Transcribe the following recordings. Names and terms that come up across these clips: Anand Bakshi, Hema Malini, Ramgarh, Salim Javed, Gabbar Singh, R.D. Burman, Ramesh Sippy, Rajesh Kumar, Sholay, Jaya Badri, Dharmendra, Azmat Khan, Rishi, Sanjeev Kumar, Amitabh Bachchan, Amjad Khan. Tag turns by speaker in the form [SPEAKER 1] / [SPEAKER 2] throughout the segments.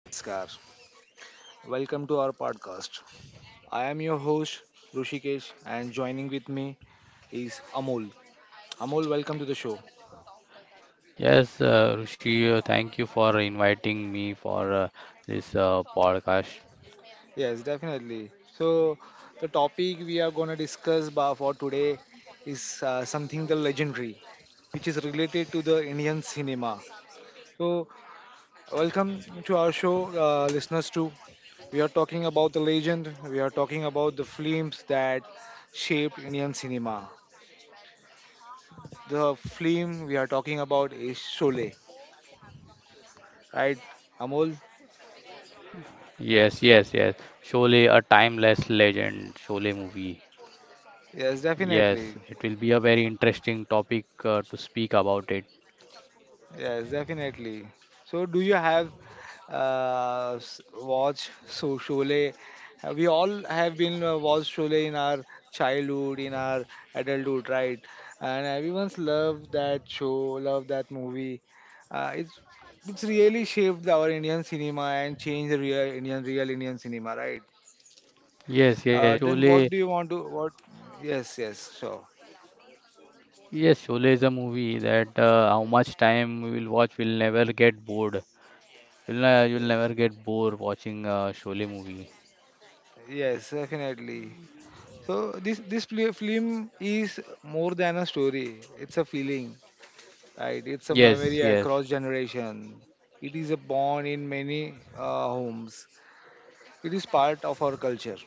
[SPEAKER 1] namaskar. Welcome to our podcast. I am your host Rushikesh and joining with me is Amol. Amol, welcome to the show.
[SPEAKER 2] Yes, Rishi, thank you for inviting me for this podcast.
[SPEAKER 1] Yes, definitely. So, the topic we are going to discuss for today is something the legendary which is related to the Indian cinema. So, welcome to our show, listeners. Too, we are talking about the legend. We are talking about the films that shaped Indian cinema. The film we are talking about is Sholay, right, Amol?
[SPEAKER 2] Yes, yes, yes. Surely a timeless legend, Sholay movie.
[SPEAKER 1] Yes,
[SPEAKER 2] Yes, it will be
[SPEAKER 1] definitely.
[SPEAKER 2] a very interesting topic to speak about it.
[SPEAKER 1] Yes, definitely. So, do you have watch so Sholay? We all have been watched Sholay in our childhood, in our adulthood, right? And everyone's loved that show, loved that movie. Uh, it's it's really shaped our Indian cinema and changed the real Indian cinema, right?
[SPEAKER 2] Yes, yes,
[SPEAKER 1] Then what do
[SPEAKER 2] Sholay.
[SPEAKER 1] you want to what? Yes, yes, sure.
[SPEAKER 2] Yes, Sholay is a movie that how much time we will watch, we'll never get bored. You'll never get bored watching Sholay movie.
[SPEAKER 1] Yes, definitely. So this film is more than a story. It's a feeling, right? It's a memory
[SPEAKER 2] Yes, yes,
[SPEAKER 1] across generation. It is a bond in many homes. It is part of our culture,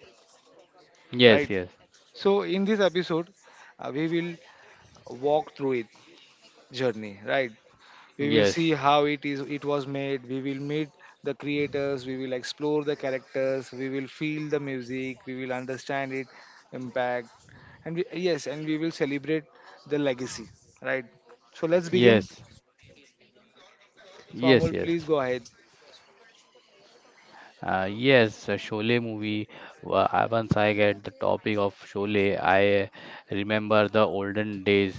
[SPEAKER 1] right?
[SPEAKER 2] yes, yes,
[SPEAKER 1] So in this episode, we will walk through it journey, right? We will
[SPEAKER 2] yes,
[SPEAKER 1] see how it was made. We will meet the creators. We will explore the characters. We will feel the music. We will understand it impact, and we, yes and we will celebrate the legacy, right? So let's begin.
[SPEAKER 2] yes, yes,
[SPEAKER 1] So Amol,
[SPEAKER 2] yes.
[SPEAKER 1] please go ahead.
[SPEAKER 2] Yes, Sholay movie. Once I get the topic of Sholay, I remember the olden days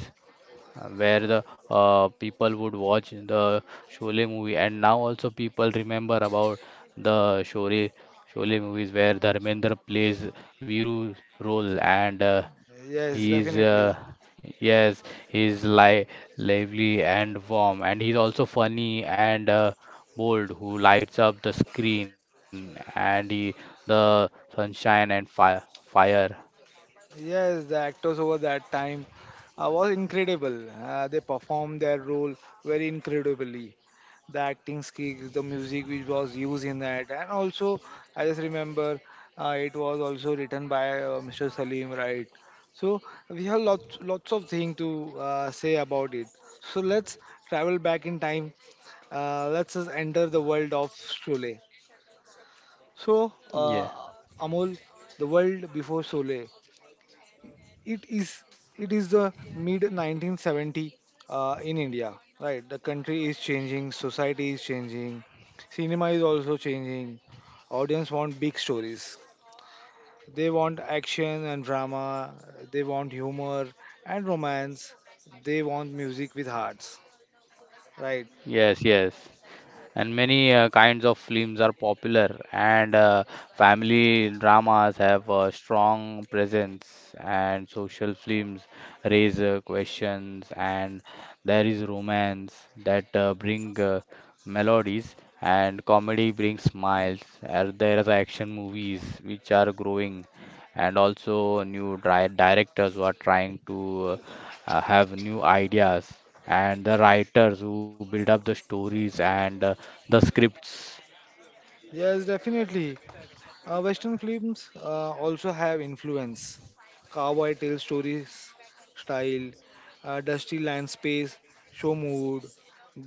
[SPEAKER 2] where the people would watch the Sholay movie, and now also people remember about the Sholay movies where Dharmendra plays Viru role and
[SPEAKER 1] Yes,
[SPEAKER 2] He's
[SPEAKER 1] definitely.
[SPEAKER 2] yes, he's li lively and warm, and he's also funny and bold, who lights up the screen, and the sunshine and fire.
[SPEAKER 1] Yes, the actors over that time was incredible. They performed their role very incredibly. The acting skills, the music which was used in that, and also I just remember it was also written by Mr. Salim, right? So we have lots of things to say about it. So let's travel back in time. Let's just enter the world of Sholay. So
[SPEAKER 2] Yeah,
[SPEAKER 1] Amol, the world before Sole, it is it is the mid 1970 in India, right? The country is changing, society is changing, cinema is also changing. Audience want big stories. They want action and drama. They want humor and romance. They want music with hearts, right?
[SPEAKER 2] yes, yes. And many kinds of films are popular, and family dramas have a strong presence, and social films raise questions, and there is romance that bring melodies, and comedy brings smiles, and there is action movies which are growing, and also new directors who are trying to have new ideas, and the writers who build up the stories and the scripts.
[SPEAKER 1] Yes, definitely. Western films also have influence. Cowboy tale stories, style, dusty landscapes, show mood,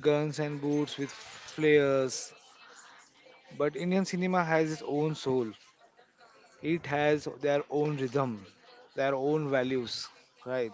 [SPEAKER 1] guns and boots with flares. But Indian cinema has its own soul. It has their own rhythm, their own values, right?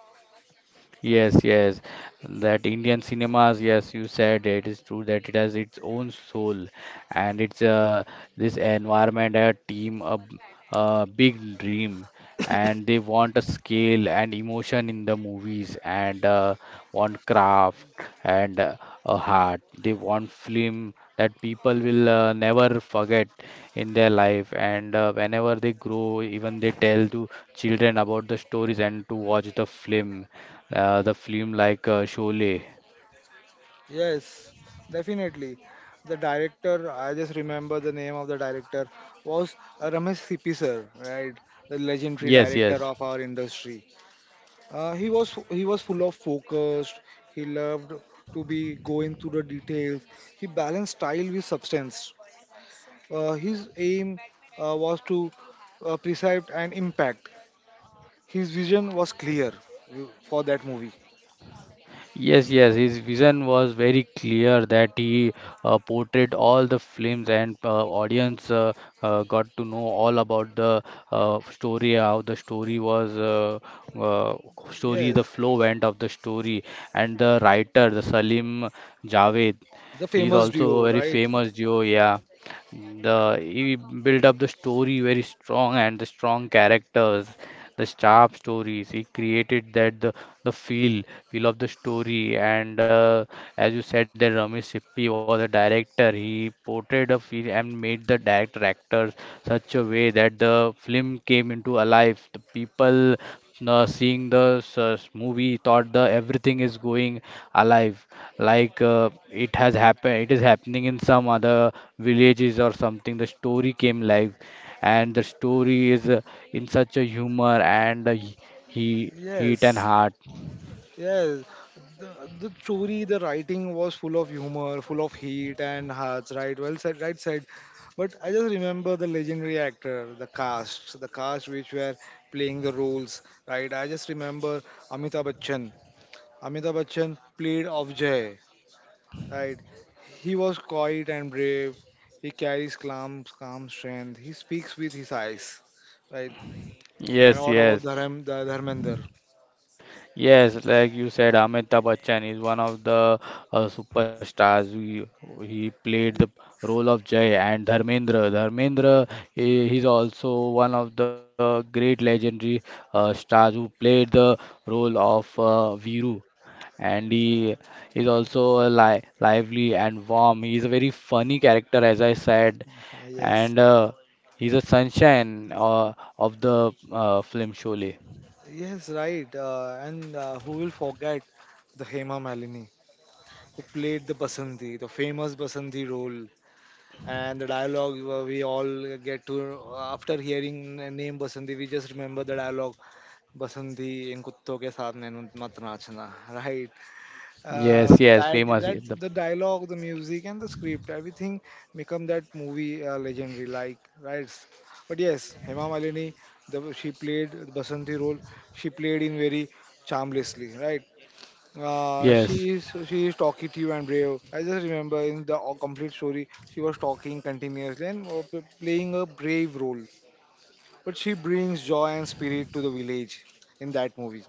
[SPEAKER 2] Yes, yes. That Indian cinemas, yes, you said it is true that it has its own soul, and it's this environment, a team, a big dream, and they want a scale and emotion in the movies, and want craft and a heart. They want film that people will never forget in their life, and whenever they grow, even they tell to children about the stories and to watch the film like Sholay.
[SPEAKER 1] Yes, definitely. The director, I just remember the name of the director was Ramesh Sippy sir, right? The legendary
[SPEAKER 2] Yes, yes.
[SPEAKER 1] director of our industry. He was full of focus. He loved to be going through the details. He balanced style with substance. His aim was to preserve and impact. His vision was clear for that movie.
[SPEAKER 2] Yes, yes, his vision was very clear that he portrayed all the films, and audience got to know all about the story, how the story was, uh, story,
[SPEAKER 1] Yes,
[SPEAKER 2] the flow went of the story. And the writer, the Salim Javed,
[SPEAKER 1] the
[SPEAKER 2] he's
[SPEAKER 1] famous
[SPEAKER 2] also
[SPEAKER 1] duo,
[SPEAKER 2] very
[SPEAKER 1] right?
[SPEAKER 2] famous duo, yeah. The He built up the story very strong, and the strong characters, the sharp stories he created, that the feel of the story, and as you said that Ramesh Sippy was a director, he portrayed a feel and made the director actors such a way that the film came into alive, the people seeing the movie thought the everything is going alive, like it has happened, it is happening in some other villages or something, the story came live, and the story is in such a humor and he heat and
[SPEAKER 1] Yes.
[SPEAKER 2] heart.
[SPEAKER 1] Yes, the, the story, the writing was full of humor, full of heat and hearts, right? Well said, right said. But I just remember the legendary actor, the cast which were playing the roles, right? I just remember Amitabh Bachchan. Amitabh Bachchan played Avjay, right? He was quiet and brave. He carries calm strength. He speaks with his eyes, right? And
[SPEAKER 2] Yes,
[SPEAKER 1] what about
[SPEAKER 2] yes.
[SPEAKER 1] Dharmender?
[SPEAKER 2] Yes, like you said, Amitabh Bachchan is one of the superstars. He played the role of Jay and Dharmendra. Dharmendra, he's also one of the great legendary stars who played the role of Viru. And he is also a li lively and warm. He's a very funny character, as I said, and
[SPEAKER 1] Yes.
[SPEAKER 2] he's a sunshine of the film Sholay.
[SPEAKER 1] Yes, right. And Who will forget the Hema Malini, who played the Basanti, the famous Basanti role, and the dialogue we all get to after hearing the name Basanti, we just remember the dialogue Basanti in कुत्तों के साथ नैन मत नाचना, right?
[SPEAKER 2] Yes,
[SPEAKER 1] uh,
[SPEAKER 2] yes,
[SPEAKER 1] that
[SPEAKER 2] famous. Yes, The
[SPEAKER 1] that the dialogue, the music, and the script, everything become that movie legendary. Like right, but yes, Hema Malini, the she played Basanti role. She played in very charmlessly, right? Uh, she
[SPEAKER 2] yes,
[SPEAKER 1] is she is talkative and brave. I just remember in the complete story, she was talking continuously and playing a brave role. But she brings joy and spirit to the village in that movie,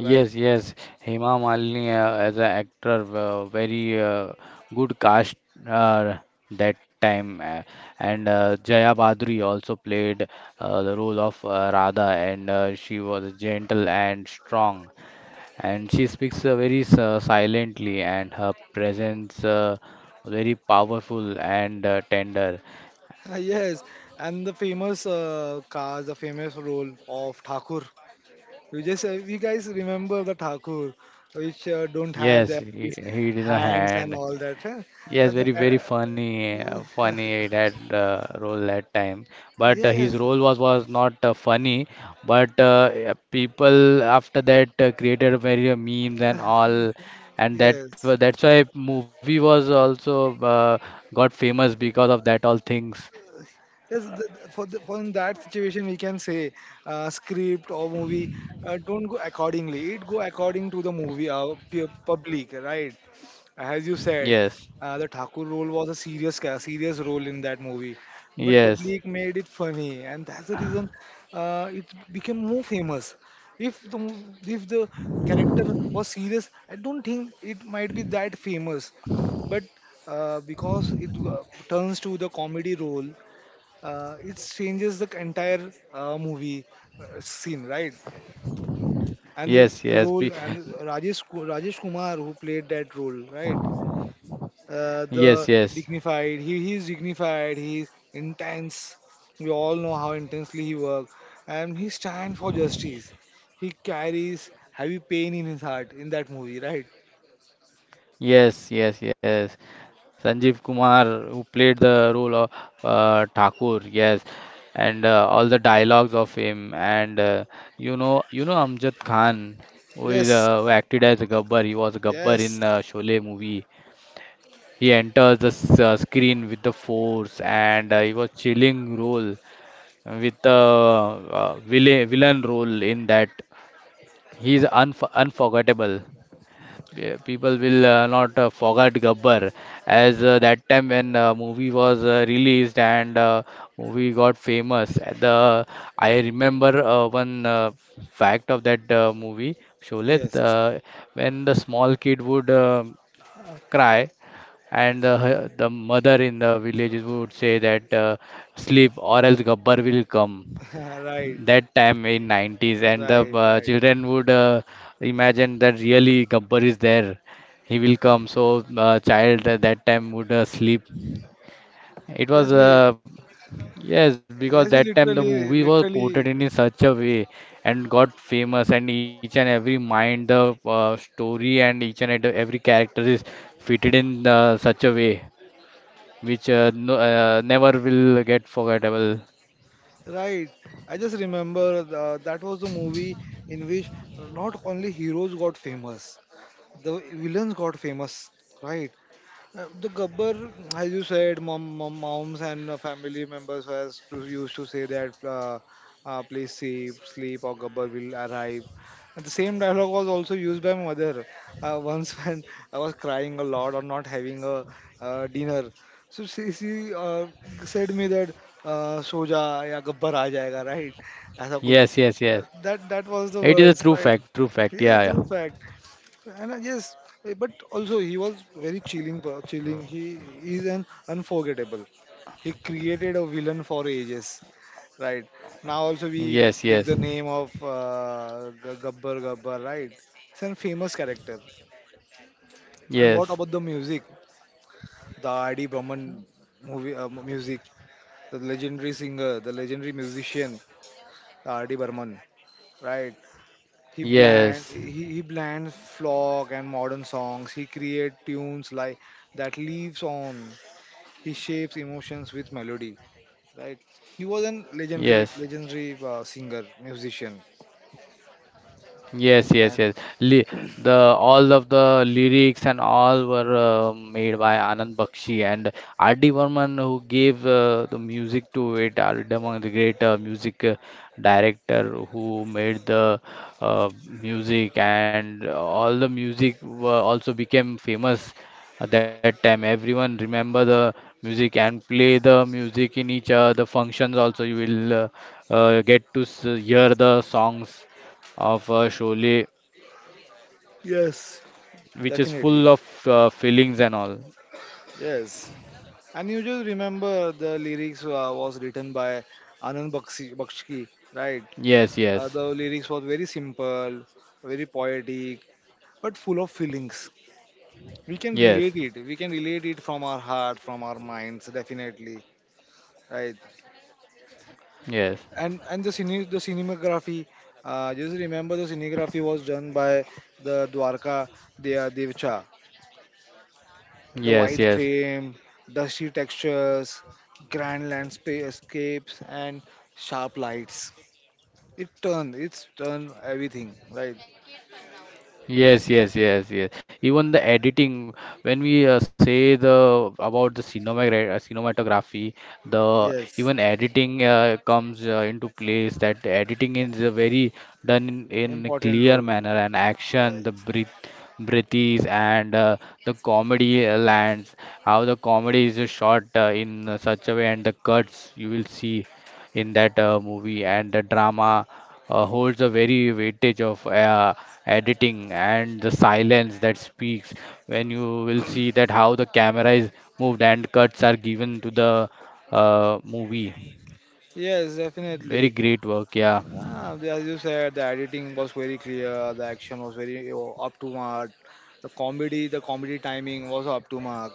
[SPEAKER 1] right?
[SPEAKER 2] yes. Hema Malini as an actor, very good cast uh, that time. And Jaya Badri also played the role of Radha, and she was gentle and strong. And she speaks very silently, and her presence very powerful and tender.
[SPEAKER 1] Yes, and the famous cast, the famous role of Thakur. You just, you guys remember the Thakur, which don't have
[SPEAKER 2] Yes,
[SPEAKER 1] their
[SPEAKER 2] he,
[SPEAKER 1] these
[SPEAKER 2] he did a
[SPEAKER 1] hands and
[SPEAKER 2] hand.
[SPEAKER 1] all that, huh? Uh,
[SPEAKER 2] Yes,
[SPEAKER 1] the,
[SPEAKER 2] very,
[SPEAKER 1] uh,
[SPEAKER 2] very funny, funny that role that time. But his
[SPEAKER 1] yes,
[SPEAKER 2] role was not funny. But yeah, people after that created very memes and all, and
[SPEAKER 1] yes.
[SPEAKER 2] that's why movie was also got famous because of that all things.
[SPEAKER 1] Yes, for in that situation we can say script or movie don't go accordingly. It go according to the movie public, right? As you said,
[SPEAKER 2] Yes,
[SPEAKER 1] the Thakur role was a serious role in that movie, but
[SPEAKER 2] yes,
[SPEAKER 1] public made it funny, and that's the reason it became more famous. If the character was serious, I don't think it might be that famous, but because it turns to the comedy role, it changes the entire movie scene, right? And the,
[SPEAKER 2] yes,
[SPEAKER 1] the
[SPEAKER 2] yes,
[SPEAKER 1] role and Rajesh Ku- Rajesh Kumar who played that role, right? uh,
[SPEAKER 2] yes,
[SPEAKER 1] the
[SPEAKER 2] yes,
[SPEAKER 1] dignified. He he's dignified. He's intense. We all know how intensely he works, and he stands for justice. He carries heavy pain in his heart in that movie, right?
[SPEAKER 2] yes, yes, yes. Sanjeev Kumar, who played the role of Thakur, yes, and all the dialogues of him, and you know Amjad Khan, who is
[SPEAKER 1] Yes,
[SPEAKER 2] who acted as Gabbar. He was Gabbar
[SPEAKER 1] yes.
[SPEAKER 2] in Sholay movie. He enters the screen with the force, and he was chilling role with the villain role in that. He's unforgettable. Yeah, people will not forget Gabbar as that time when movie was released and movie got famous. The I remember one fact of that movie Sholay,
[SPEAKER 1] Yes.
[SPEAKER 2] when the small kid would cry, and the mother in the villages would say that sleep or else Gabbar will come,
[SPEAKER 1] Right,
[SPEAKER 2] that time in 90s, and the
[SPEAKER 1] right.
[SPEAKER 2] children would imagine that really Gabbar is there, he will
[SPEAKER 1] Huh.
[SPEAKER 2] come, so child at that time would sleep. It was
[SPEAKER 1] Yes, we,
[SPEAKER 2] yes, because that
[SPEAKER 1] yes, we
[SPEAKER 2] time the movie was portrayed
[SPEAKER 1] literally,
[SPEAKER 2] in such a way and got famous, and each and every mind the story, and every character is fitted in such a way which no, never will get forgettable.
[SPEAKER 1] right. I just remember the, that was the movie in which not only heroes got famous, the villains got famous, right? The Gabbar, as you said, moms and family members was to, used to say that, please sleep, or Gabbar will arrive. And the same dialogue was also used by my mother once when I was crying a lot or not having a dinner. So she said me that, soja ya Gabbar aa jayega, right? ऐसा कुछ.
[SPEAKER 2] Yes, yes,
[SPEAKER 1] Uh,
[SPEAKER 2] yes,
[SPEAKER 1] that that was the
[SPEAKER 2] it is a
[SPEAKER 1] words,
[SPEAKER 2] true
[SPEAKER 1] right?
[SPEAKER 2] fact, true fact,
[SPEAKER 1] Yes,
[SPEAKER 2] yeah, yeah.
[SPEAKER 1] true fact. And yes, but also he was very chilling. He is an unforgettable. He created a villain for ages, right? Now also we
[SPEAKER 2] Yes, yes,
[SPEAKER 1] take the name of Gabbar Gabbar, right? It's a famous character. And
[SPEAKER 2] yes,
[SPEAKER 1] what about the music? The R.D. Burman movie music, the legendary singer, the legendary musician, the R.D. Burman, right? He blend
[SPEAKER 2] yes,
[SPEAKER 1] he, he blends folk and modern songs. He create tunes like that lives on. He shapes emotions with melody. Right. He was an
[SPEAKER 2] yes.
[SPEAKER 1] legendary singer musician.
[SPEAKER 2] Yes, yes,
[SPEAKER 1] And
[SPEAKER 2] yes. Li The all of the lyrics and all were made by Anand Bakshi and R.D. Burman, who gave the music to it. R.D. Burman, the great music director, who made the music, and all the music were also became famous at that time. Everyone remember the music and play the music in each the functions. Also, you will hear the songs of Sholay,
[SPEAKER 1] yes,
[SPEAKER 2] which is full
[SPEAKER 1] definitely,
[SPEAKER 2] of fillings and all.
[SPEAKER 1] yes. And you just remember the lyrics was written by Anand Bakshi, right?
[SPEAKER 2] Yes, yes,
[SPEAKER 1] The lyrics was very simple, very poetic, but full of feelings. we can
[SPEAKER 2] yes,
[SPEAKER 1] relate it we can relate it from our heart, from our minds, definitely, right.
[SPEAKER 2] yes,
[SPEAKER 1] And the cinematography, just remember the cinematography was done by the dwarka devcha, the
[SPEAKER 2] yes,
[SPEAKER 1] white
[SPEAKER 2] yes.
[SPEAKER 1] frame, dusty textures, grand landscapes, and sharp lights. It's turned everything, right?
[SPEAKER 2] Yes, yes, yes, yes. Even the editing, when we say the about the cinematography, the
[SPEAKER 1] Yes,
[SPEAKER 2] even editing comes into place. That editing is very done in a
[SPEAKER 1] important
[SPEAKER 2] clear
[SPEAKER 1] role.
[SPEAKER 2] manner, and action,
[SPEAKER 1] Yes,
[SPEAKER 2] breathes, and the comedy lands. How the comedy is shot in such a way, and the cuts you will see in that movie, and the drama holds a very weightage of editing, and the silence that speaks, when you will see that how the camera is moved and cuts are given to the movie.
[SPEAKER 1] yes, definitely.
[SPEAKER 2] Very great work, yeah.
[SPEAKER 1] Ah, as you said, the editing was very clear, the action was very up to mark, the comedy timing was up to mark,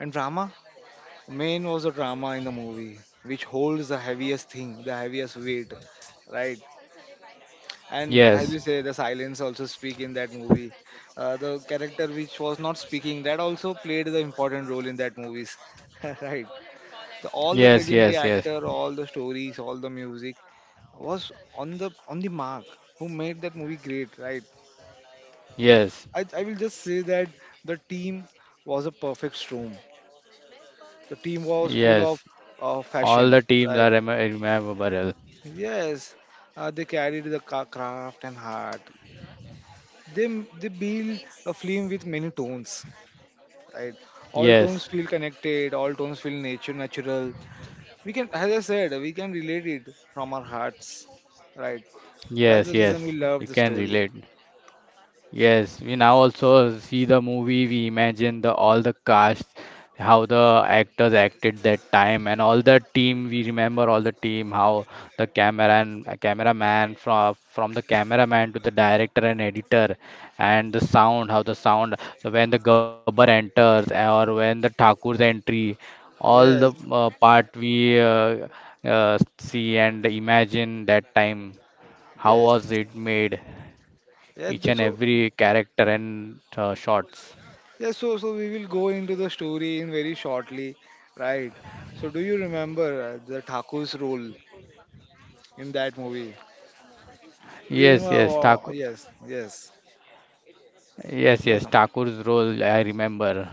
[SPEAKER 1] and drama, main was the drama in the movie, which holds the heaviest thing, the heaviest weight, right? And
[SPEAKER 2] Yes,
[SPEAKER 1] as you say, the silence also speak in that movie. The character which was not speaking, that also played the important role in that movies, right? The, all the
[SPEAKER 2] yes,
[SPEAKER 1] legendary
[SPEAKER 2] yes, yes,
[SPEAKER 1] actor, all the stories, all the music was on the mark. Who made that movie great, right?
[SPEAKER 2] yes,
[SPEAKER 1] I will just say that the team was a perfect storm. The team was full of
[SPEAKER 2] yes. All
[SPEAKER 1] fashion,
[SPEAKER 2] the teams
[SPEAKER 1] right?
[SPEAKER 2] are rememberable.
[SPEAKER 1] Yes, they carried the craft and heart. They they build a film with many tones, right? All tones
[SPEAKER 2] Yes,
[SPEAKER 1] feel connected. All tones feel nature natural. We can, as I said, we can relate it from our hearts, right? That's
[SPEAKER 2] yes,
[SPEAKER 1] the
[SPEAKER 2] yes,
[SPEAKER 1] reason we
[SPEAKER 2] you
[SPEAKER 1] love the
[SPEAKER 2] can
[SPEAKER 1] story.
[SPEAKER 2] relate. Yes, we now also see the movie. We imagine the all the cast, how the actors acted that time, and all the team. We remember all the team, how the camera and cameraman, from the cameraman to the director and editor, and the sound, how the sound. So when the Gabbar enters or when the Thakur's entry, all the
[SPEAKER 1] Yes,
[SPEAKER 2] part we see and imagine that time. How was
[SPEAKER 1] yes,
[SPEAKER 2] it made?
[SPEAKER 1] yeah.
[SPEAKER 2] Each and
[SPEAKER 1] So,
[SPEAKER 2] every character and shots.
[SPEAKER 1] yeah. So, so we will go into the story in very shortly, right? So, do you remember the Thakur's role in that movie? Do you remember?
[SPEAKER 2] Yes, yes, Thakur.
[SPEAKER 1] Yes, yes,
[SPEAKER 2] Yes,
[SPEAKER 1] yes.
[SPEAKER 2] yes, Thakur's role. I remember.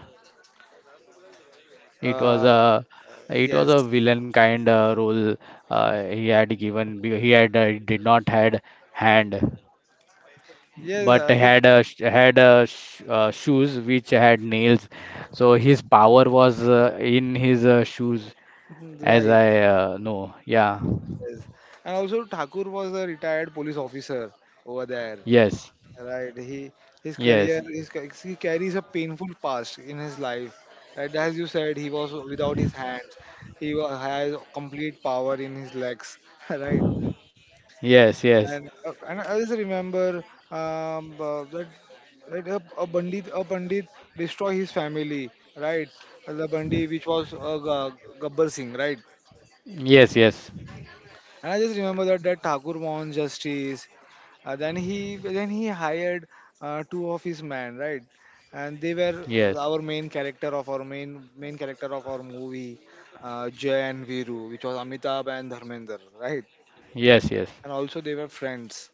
[SPEAKER 2] It was
[SPEAKER 1] Uh,
[SPEAKER 2] a, it was
[SPEAKER 1] yes,
[SPEAKER 2] a villain kind role. He had given. He had did not had hand,
[SPEAKER 1] yes.
[SPEAKER 2] but
[SPEAKER 1] I just
[SPEAKER 2] had shoes which had nails. So his power was in his shoes,
[SPEAKER 1] mm,
[SPEAKER 2] as
[SPEAKER 1] right.
[SPEAKER 2] I know. Yeah.
[SPEAKER 1] Yes. And also, Thakur was a retired police officer over there.
[SPEAKER 2] Yes.
[SPEAKER 1] Right. He his career
[SPEAKER 2] Yes.
[SPEAKER 1] his, ca- he carries a painful past in his life. And as you said, he was without his hands. He has complete power in his legs. Right.
[SPEAKER 2] Yes. Yes.
[SPEAKER 1] And I just remember um, uh, that that a bandit destroy his family. Right. The bandit which was Gabbar Singh. Right.
[SPEAKER 2] Yes. Yes.
[SPEAKER 1] And I just remember that that Thakur won justice. Then he hired two of his men, right? And they were
[SPEAKER 2] Yes.
[SPEAKER 1] our main main character of our movie, Jay and Viru, which was Amitabh and Dharmender, right?
[SPEAKER 2] Yes. Yes.
[SPEAKER 1] And also they were friends.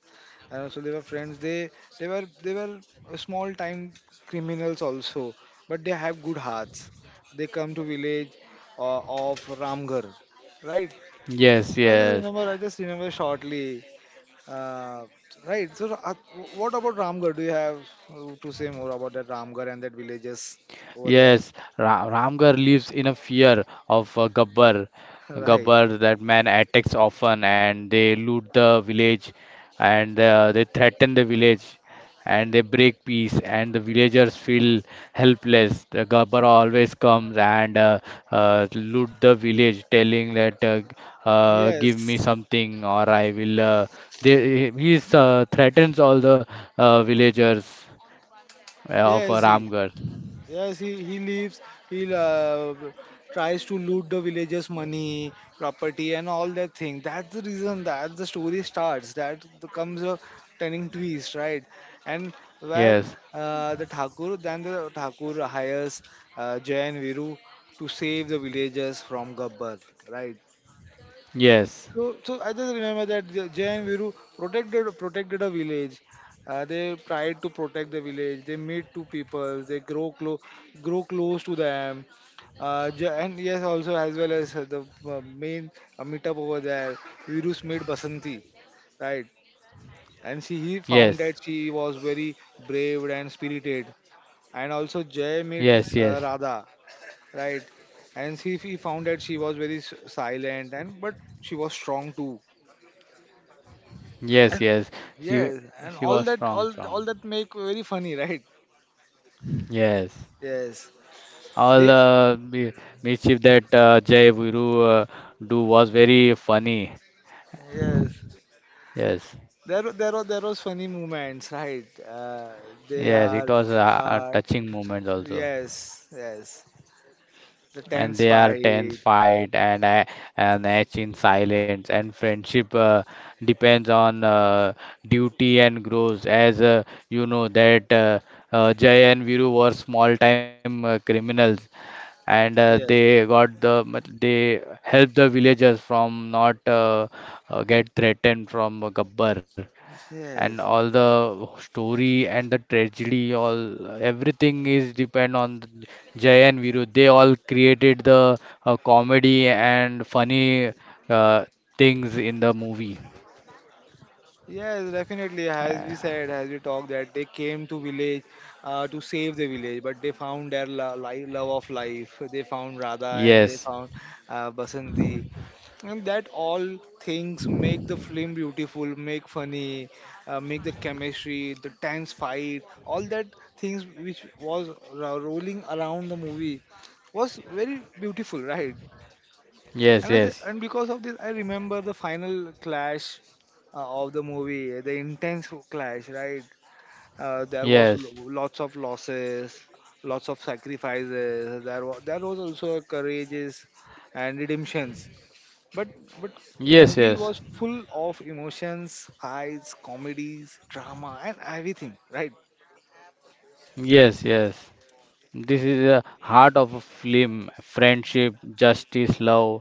[SPEAKER 1] And also they were friends. They were small time criminals also, but they have good hearts. They come to village of Ramgarh, right?
[SPEAKER 2] Yes, yes,
[SPEAKER 1] I just remember shortly. Uh, right. So, what about Ramgarh? Do you have to say more about that Ramgarh and that villages
[SPEAKER 2] yes.
[SPEAKER 1] over
[SPEAKER 2] Ra
[SPEAKER 1] there?
[SPEAKER 2] Ramgarh lives in a fear of Gabbar. Gabbar,
[SPEAKER 1] Right.
[SPEAKER 2] that man attacks often, and they loot the village, and they threaten the village, and they break peace, and the villagers feel helpless. The Gabbar always comes and loot the village, telling that give me
[SPEAKER 1] Yes.
[SPEAKER 2] something or I will. They He is, threatens all the villagers of
[SPEAKER 1] Yes.
[SPEAKER 2] Ramgarh.
[SPEAKER 1] Yes, he lives, he tries to loot the villagers' money, property, and all that thing. That's the reason that the story starts. That comes a turning twist, right? And where
[SPEAKER 2] Yes,
[SPEAKER 1] the Thakur hires Jay and Viru to save the villagers from Gabbar, right?
[SPEAKER 2] yes,
[SPEAKER 1] So, I just remember that Jay and Viru protected a village. They tried to protect the village. They meet two people. They grow close, to them. Jay, and yes, also as well as the main meetup over there. Viru's made Basanti, right? And she he
[SPEAKER 2] yes,
[SPEAKER 1] found that she was very brave and spirited. And also Jay
[SPEAKER 2] yes,
[SPEAKER 1] met
[SPEAKER 2] yes,
[SPEAKER 1] Radha, right? And she he found that she was very silent and but she was strong too.
[SPEAKER 2] yes,
[SPEAKER 1] And,
[SPEAKER 2] yes. She
[SPEAKER 1] yes, and
[SPEAKER 2] she
[SPEAKER 1] all
[SPEAKER 2] was
[SPEAKER 1] that
[SPEAKER 2] strong,
[SPEAKER 1] all all
[SPEAKER 2] strong.
[SPEAKER 1] that make very funny, right?
[SPEAKER 2] Yes,
[SPEAKER 1] Yes,
[SPEAKER 2] all
[SPEAKER 1] they
[SPEAKER 2] the mischief that Jay Viru do was very funny.
[SPEAKER 1] yes,
[SPEAKER 2] Yes,
[SPEAKER 1] there was funny moments, right? They
[SPEAKER 2] yes,
[SPEAKER 1] are
[SPEAKER 2] it was a
[SPEAKER 1] uh,
[SPEAKER 2] touching moment also.
[SPEAKER 1] yes, yes, the
[SPEAKER 2] And
[SPEAKER 1] tense
[SPEAKER 2] they are tense
[SPEAKER 1] fight.
[SPEAKER 2] fight, and etch in silence, and friendship depends on duty, and grows as you know that Jay and Viru were small time criminals, and
[SPEAKER 1] Yes,
[SPEAKER 2] they helped the villagers from not get threatened from Gabbar, and
[SPEAKER 1] yes,
[SPEAKER 2] all the story and the tragedy, all everything is depend on the Jay and Viru, they all created the comedy and funny uh, things in the movie.
[SPEAKER 1] yes, definitely. As we
[SPEAKER 2] Uh,
[SPEAKER 1] said, as we talked, that they came to village to save the village, but they found their love of life. They found Radha and they
[SPEAKER 2] yes,
[SPEAKER 1] found Basanti, and that all things make the film beautiful, make funny, make the chemistry, the tense fight, all that things which was rolling around the movie was very beautiful, right? And
[SPEAKER 2] yes, yes,
[SPEAKER 1] because of this I remember the final clash, of the movie, the intense clash, right? There was
[SPEAKER 2] yes,
[SPEAKER 1] lots of losses, lots of sacrifices. There was, also courageous and redemptions, but but the
[SPEAKER 2] yes,
[SPEAKER 1] movie
[SPEAKER 2] yes,
[SPEAKER 1] was full of emotions, highs, comedies, drama, and everything, right?
[SPEAKER 2] yes, yes. This is the heart of a film: friendship, justice, love,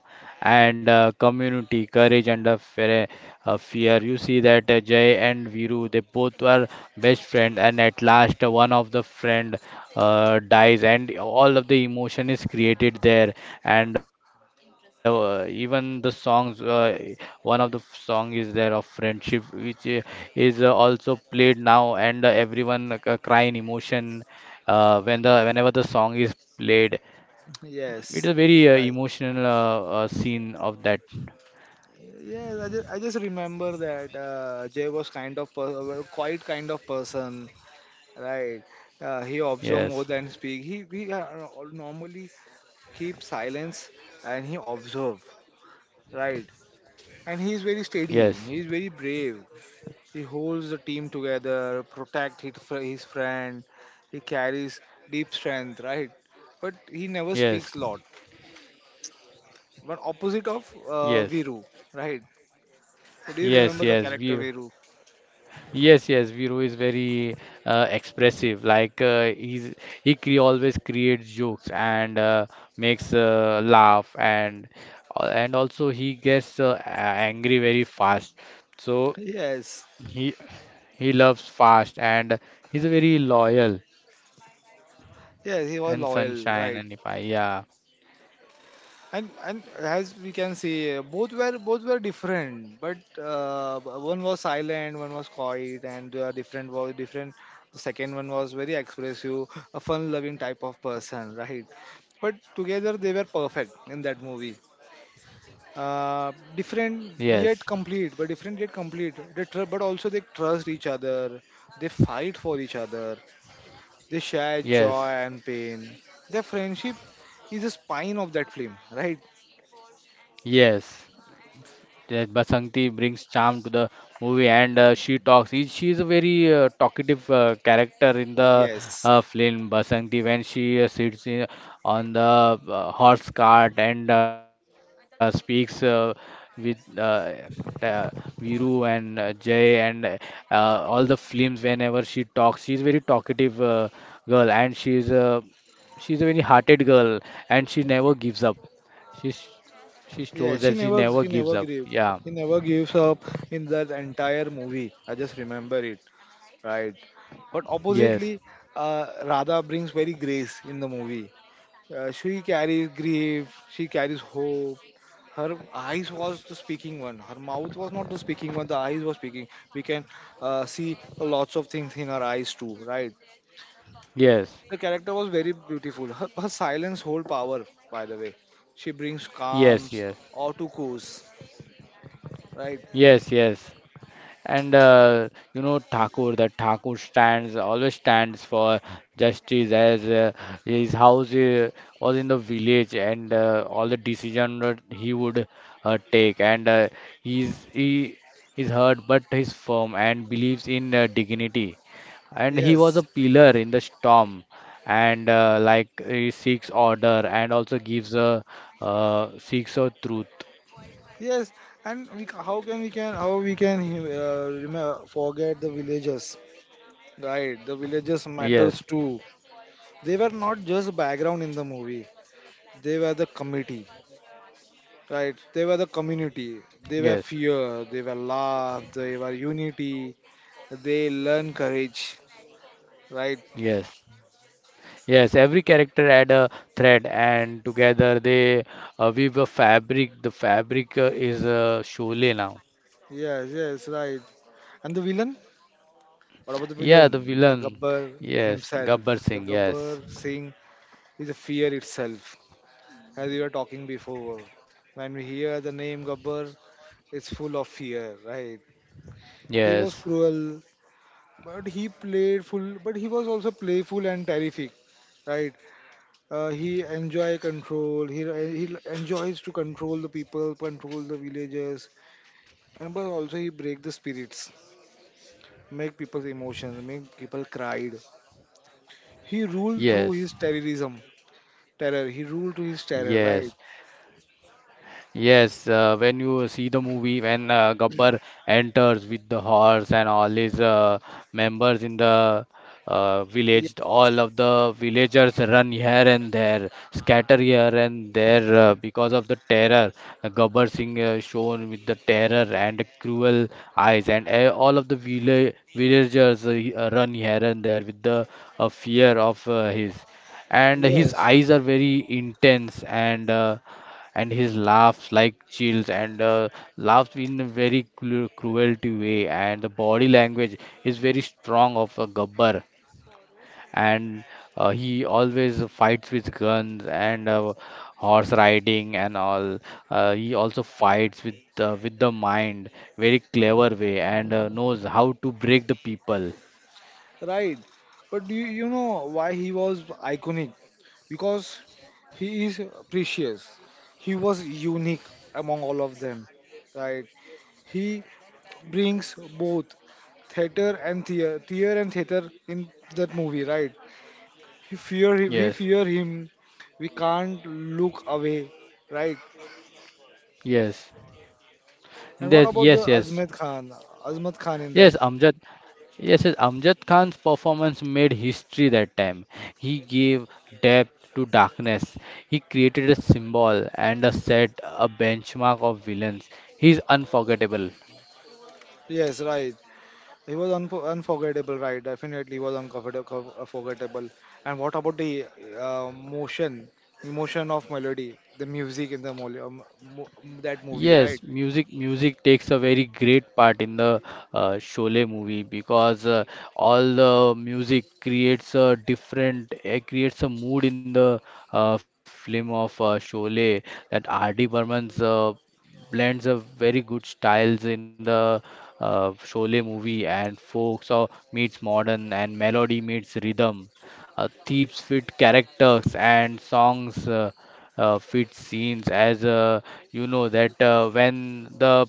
[SPEAKER 2] and community, courage, and fear. You see that Jay and Viru, they both were best friends, and at last, one of the friend dies, and all of the emotion is created there. And Even the songs, one of the song is there of friendship, which is also played now, and everyone cry in emotion whenever the song is played, it is a
[SPEAKER 1] Yes.
[SPEAKER 2] very
[SPEAKER 1] Right.
[SPEAKER 2] emotional scene of that.
[SPEAKER 1] Yes. I just remember that Jay was kind of quite kind of person, right? He observe more
[SPEAKER 2] Yes,
[SPEAKER 1] than speak. He normally keep silence and he observe, right? And he is very
[SPEAKER 2] yes,
[SPEAKER 1] steady, he is very brave. He holds the team together, protect his friend. He carries deep strength, right? But he never
[SPEAKER 2] yes,
[SPEAKER 1] speaks lot. But opposite of
[SPEAKER 2] yes,
[SPEAKER 1] Viru, right? So do you
[SPEAKER 2] yes,
[SPEAKER 1] remember the
[SPEAKER 2] yes.
[SPEAKER 1] character Viru?
[SPEAKER 2] Yes, yes. Viro is very expressive. Like he's he cre always creates jokes and makes laugh and also he gets angry very fast. So
[SPEAKER 1] Yes,
[SPEAKER 2] he he loves fast and he's a very loyal
[SPEAKER 1] yes, he was
[SPEAKER 2] and
[SPEAKER 1] loyal,
[SPEAKER 2] sunshine
[SPEAKER 1] right?
[SPEAKER 2] and if I yeah,
[SPEAKER 1] And, as we can see, both were different, but one was silent, one was quiet, and different was different. The second one was very expressive, a fun loving type of person, right? But together they were perfect in that movie.
[SPEAKER 2] yes,
[SPEAKER 1] Different yet complete, but different yet complete. But also, they trust each other, they fight for each other, they share
[SPEAKER 2] yes,
[SPEAKER 1] joy and pain. Their friendship is a spine of that film, right?
[SPEAKER 2] yes. Yes, Basanti brings charm to the movie, and she talks. She is a very talkative character in the
[SPEAKER 1] Yes.
[SPEAKER 2] film. Basanti, when she on the horse cart and speaks with uh, Viru and Jay and all the films. Whenever she talks, she is very talkative girl, and she is a very hearted girl, and she never gives up. She sh- she shows
[SPEAKER 1] Yeah,
[SPEAKER 2] that
[SPEAKER 1] she
[SPEAKER 2] she
[SPEAKER 1] never
[SPEAKER 2] never
[SPEAKER 1] she
[SPEAKER 2] gives
[SPEAKER 1] never
[SPEAKER 2] up.
[SPEAKER 1] gave
[SPEAKER 2] Yeah.
[SPEAKER 1] she never gives up in that entire movie. I just remember it, right? But
[SPEAKER 2] Yes,
[SPEAKER 1] oppositely, Radha brings very grace in the movie. She carries grief, she carries hope. Her eyes was the speaking one. Her mouth was not the speaking one. The eyes was speaking. We can see lots of things in her eyes too, right?
[SPEAKER 2] yes,
[SPEAKER 1] The character was very beautiful. Her silence hold power, by the way. She brings
[SPEAKER 2] yes,
[SPEAKER 1] calms
[SPEAKER 2] yes,
[SPEAKER 1] or to course, right?
[SPEAKER 2] yes, yes. And You know, Thakur, that Thakur stands always stands for justice, as his house was in the village, and all the decision that he would take. And he is hurt, but he's firm and believes in dignity. And he was a
[SPEAKER 1] Yes,
[SPEAKER 2] pillar in the storm, and like, he seeks order and also gives a seeks a truth.
[SPEAKER 1] yes. And how can we can how we can forget the villagers, right? The villagers matters
[SPEAKER 2] Yes,
[SPEAKER 1] too. They were not just background in the movie, they were the committee, right? They were the community. They
[SPEAKER 2] yes,
[SPEAKER 1] were fear, they were love, they were unity. They learn courage, right?
[SPEAKER 2] yes, yes. Every character had a thread, and together they weave a fabric. The fabric is Sholay now.
[SPEAKER 1] Yes, yes. Right. And the villain — what about the
[SPEAKER 2] Yeah,
[SPEAKER 1] villain,
[SPEAKER 2] the
[SPEAKER 1] the
[SPEAKER 2] villain.
[SPEAKER 1] Gabbar
[SPEAKER 2] Yes,
[SPEAKER 1] himself?
[SPEAKER 2] Gabbar
[SPEAKER 1] The
[SPEAKER 2] Singh.
[SPEAKER 1] Gabbar
[SPEAKER 2] Yes,
[SPEAKER 1] Singh is a fear itself, as you were talking before. When we hear the name Gabbar, it's full of fear, right? He was
[SPEAKER 2] yes,
[SPEAKER 1] cruel, but he played full, but he was also playful and terrific, right? He enjoy control. He enjoys to control the people, control the villagers, and but also he break the spirits, make people's emotions, make people cried. He ruled through his
[SPEAKER 2] yes,
[SPEAKER 1] terrorism, terror. He ruled through his terror,
[SPEAKER 2] yes.
[SPEAKER 1] right?
[SPEAKER 2] Yes, when you see the movie, when Gabbar enters with the horse and all his members in the
[SPEAKER 1] Ye-
[SPEAKER 2] village, all of the villagers run here and there, scatter here and there because of the terror. Gabbar Singh shown with the terror and cruel eyes, and all of the villagers run here and there with the fear of his. And his
[SPEAKER 1] Yes.
[SPEAKER 2] eyes are very intense, and his laughs like chills, and laughs in a very cruelty way, and the body language is very strong of a Gabbar, and he always fights with guns and horse riding, and all he also fights with the mind, very clever way, and knows how to break the people.
[SPEAKER 1] Right. But do you know why he was iconic? Because he is precious. He was unique among all of them. Right. He brings both theater and theater in that movie. Right. He fear
[SPEAKER 2] Yes,
[SPEAKER 1] we fear him. We can't look away. Right.
[SPEAKER 2] yes,
[SPEAKER 1] And what
[SPEAKER 2] that,
[SPEAKER 1] about
[SPEAKER 2] yes,
[SPEAKER 1] the
[SPEAKER 2] yes,
[SPEAKER 1] Azmat Khan? Azmat Khan in that.
[SPEAKER 2] yes. Amjad. Yes, yes, Amjad Khan's performance made history that time. He gave depth to darkness. He created a symbol and a set a benchmark of villains. He's unforgettable.
[SPEAKER 1] Yes. Right. It was unforgettable, right? Definitely was uncomfortable, unforgettable. And what about the uh, motion, emotion of melody, the music in the that movie, right?
[SPEAKER 2] Yes, music, music takes a very great part in the Sholay movie, because all the music creates a different creates a mood in the film of Sholay. That R.D. Burman's blends a very good styles in the Sholay movie, and folk so meets modern and melody meets rhythm. Themes fit characters, and songs fit scenes. As you know that when the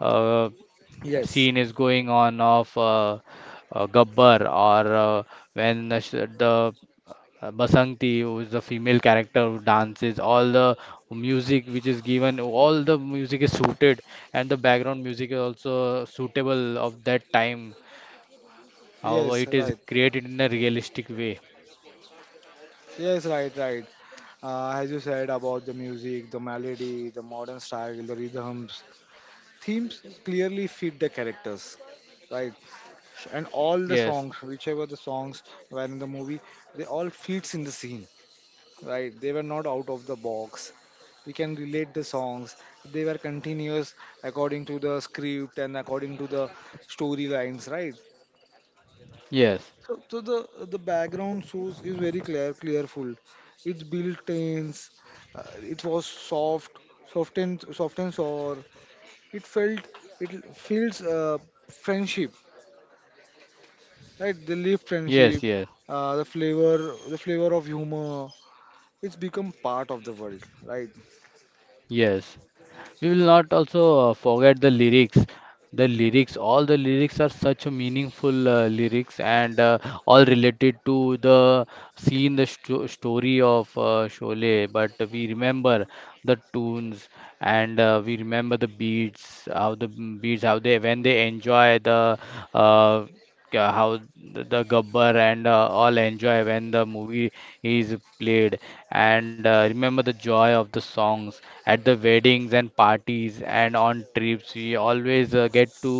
[SPEAKER 2] uh,
[SPEAKER 1] Yes.
[SPEAKER 2] scene is going on of Gabbar or when the, sh- the Basanti, who is the female character who dances, all the music which is given, all the music is suited, and the background music is also suitable of that time. However,
[SPEAKER 1] Yes,
[SPEAKER 2] it is
[SPEAKER 1] right.
[SPEAKER 2] created in a realistic way.
[SPEAKER 1] Yes, right, right. As you said about the music, the melody, the modern style, the rhythms, themes clearly fit the characters, right? And all the
[SPEAKER 2] Yes,
[SPEAKER 1] songs, whichever the songs were in the movie, they all fits in the scene. Right, they were not out of the box. We can relate the songs, they were continuous according to the script and according to the storylines, right?
[SPEAKER 2] yes,
[SPEAKER 1] So, the background source is very clearful. It's built tense. It was soft and soft, and sour. It felt it feels friendship, right? The live
[SPEAKER 2] yes,
[SPEAKER 1] friendship,
[SPEAKER 2] yes,
[SPEAKER 1] the flavor, of humor. It's become part of the world. Right.
[SPEAKER 2] yes. We will not also forget the lyrics. The lyrics, all the lyrics are such a meaningful lyrics, and all related to the scene, the story of Sholay. But we remember the tunes, and we remember the beats, how the beats, how they when they enjoy the uh, how the Gabbar and all enjoy when the movie is played. And remember the joy of the songs at the weddings and parties and on trips. We always get to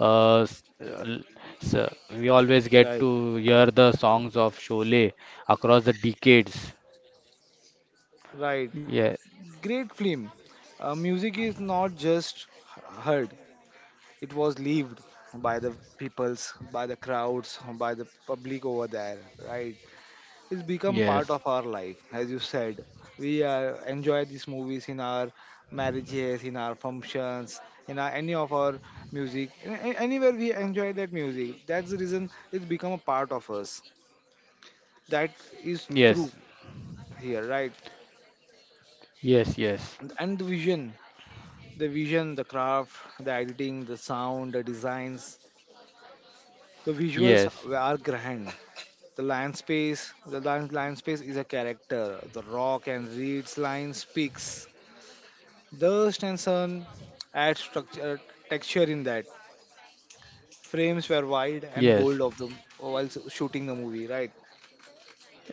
[SPEAKER 2] s- l- s- we always get
[SPEAKER 1] Right.
[SPEAKER 2] to hear the songs of Sholay across the decades.
[SPEAKER 1] Right.
[SPEAKER 2] Yeah.
[SPEAKER 1] Great film. Music is not just heard, it was lived by the peoples, by the crowds, by the public over there, right? It's become part
[SPEAKER 2] Yes.
[SPEAKER 1] of our life, as you said. We enjoy these movies in our marriages, in our functions, in our, any of our music. Anywhere we enjoy that music, that's the reason it's become a part of us. That is true
[SPEAKER 2] Yes.
[SPEAKER 1] here, right?
[SPEAKER 2] Yes. Yes.
[SPEAKER 1] And The vision The craft, the editing, the sound, the designs, the visuals
[SPEAKER 2] Yes.
[SPEAKER 1] are grand. The land space, is a character. The rock and reeds line speaks. Dust and sun add structure, texture in that. Frames were wide and
[SPEAKER 2] Yes.
[SPEAKER 1] bold of them while shooting the movie, right?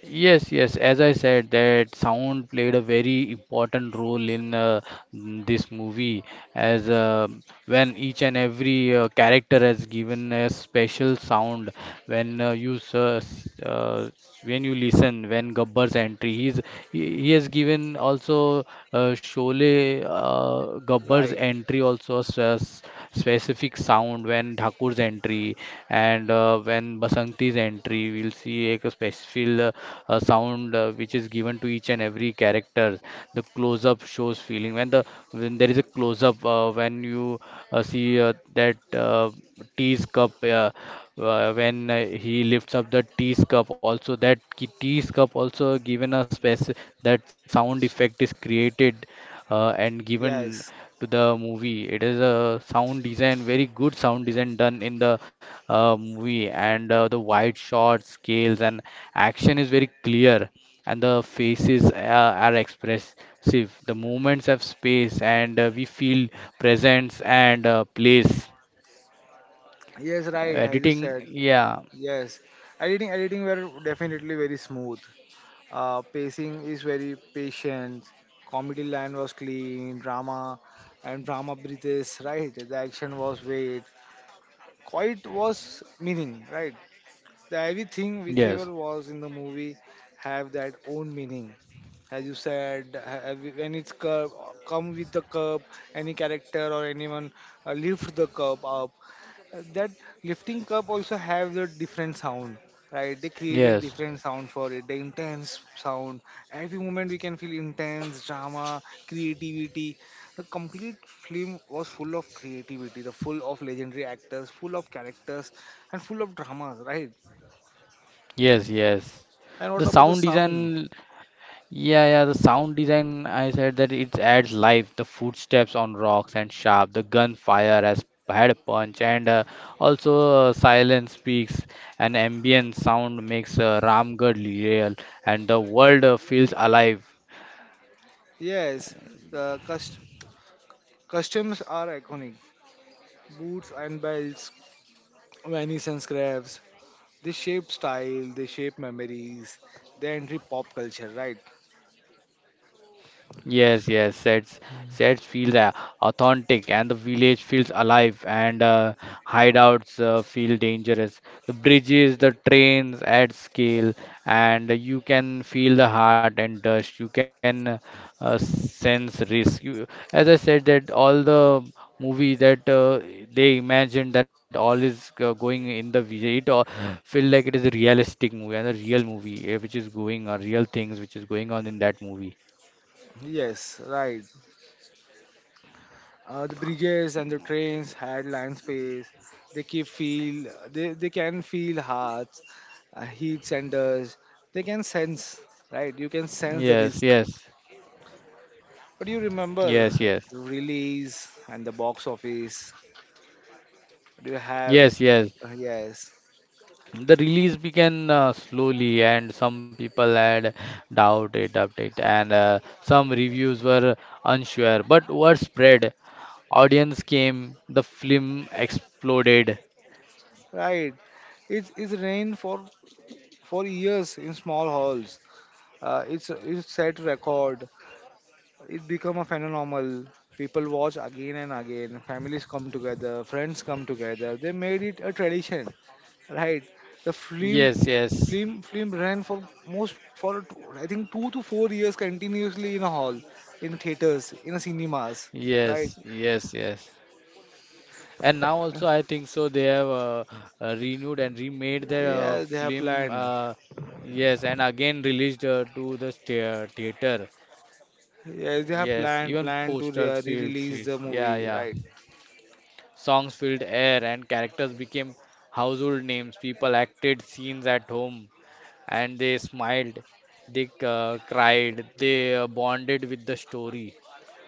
[SPEAKER 2] Yes, yes. As I said, that sound played a very important role in this movie, as when each and every character has given a special sound. When you s- s- s- when you listen, when Gabbar's entry, he has given also Sholay, Gabbar's
[SPEAKER 1] Right.
[SPEAKER 2] entry also, as well specific sound when Thakur's entry, and when Basanti's entry. We'll see a specific sound which is given to each and every character. The close-up shows feeling when the When there is a close-up, when you see that tea's cup, when he lifts up the tea's cup also that tea's cup also given a space, that sound effect is created and given
[SPEAKER 1] Yes.
[SPEAKER 2] to the movie. It is a sound design, very good sound design done in the movie, and the wide shot scales and action is very clear, and the faces are expressive. The movements have space, and we feel presence and place.
[SPEAKER 1] Yes, right, as you
[SPEAKER 2] Editing,
[SPEAKER 1] said.
[SPEAKER 2] yeah,
[SPEAKER 1] Yes. Editing were definitely very smooth. Pacing is very patient. Comedy line was clean. Drama breathes, right? The action was weight. Quiet was meaning, right? The everything whichever
[SPEAKER 2] yes,
[SPEAKER 1] was in the movie have that own meaning. As you said, when it's curb, come with the curb, any character or anyone lift the curb up, that lifting cup also have the different sound, right? They created
[SPEAKER 2] yes,
[SPEAKER 1] different sound for it, the intense sound. Every moment we can feel intense drama, creativity. The complete film was full of creativity, the full of legendary actors, full of characters, and full of dramas, right?
[SPEAKER 2] yes, yes.
[SPEAKER 1] And
[SPEAKER 2] The
[SPEAKER 1] what about the
[SPEAKER 2] sound
[SPEAKER 1] sound?
[SPEAKER 2] design. Yeah, yeah, the sound design, I said that it adds life. The footsteps on rocks and sharp, the gunfire has had a punch, and also silence speaks. An ambient sound makes Ramgarh real, and the world feels alive.
[SPEAKER 1] Yes, the customs are iconic. Boots and belts, venice and scraps. They shape style, they shape memories, they enter pop culture, right?
[SPEAKER 2] Yes, yes, sets feels authentic, and the village feels alive, and hideouts feel dangerous. The bridges, the trains at scale, and you can feel the heart and dust. You can sense risk. As I said, that all the movie that they imagine that all is going in the village, it all feel like it is a realistic movie and a real movie which is going on, real things which is going on in that movie.
[SPEAKER 1] Yes, right. The bridges and the trains had land space. They keep feel. They can feel hearts, heats and dust. They can sense, right? You can sense the
[SPEAKER 2] Yes,
[SPEAKER 1] risk.
[SPEAKER 2] yes,
[SPEAKER 1] But you remember
[SPEAKER 2] yes, yes,
[SPEAKER 1] the release and the box office. Do you have?
[SPEAKER 2] yes, yes.
[SPEAKER 1] Yes.
[SPEAKER 2] The release began slowly, and some people had doubt it, and some reviews were unsure. But word spread, audience came, the film exploded.
[SPEAKER 1] Right. It's rained for years in small halls. It's set record. It become a phenomenon. People watch again and again. Families come together, friends come together. They made it a tradition, right? The film,
[SPEAKER 2] Yes, yes,
[SPEAKER 1] film, film ran for most for I think 2 to 4 years continuously in a hall, in theaters, in cinemas, right?
[SPEAKER 2] yes, yes, yes. And now also, I think so. They have renewed and remade the
[SPEAKER 1] Yeah, they have
[SPEAKER 2] film.
[SPEAKER 1] planned.
[SPEAKER 2] Yes, and again released to the theater.
[SPEAKER 1] Yeah, they have
[SPEAKER 2] Yes, even
[SPEAKER 1] planned to
[SPEAKER 2] posters filled
[SPEAKER 1] re-release the
[SPEAKER 2] streets. Yeah,
[SPEAKER 1] movie,
[SPEAKER 2] yeah.
[SPEAKER 1] right?
[SPEAKER 2] Songs filled air, and characters became household names. People acted scenes at home, and they smiled, they cried, they bonded with the story.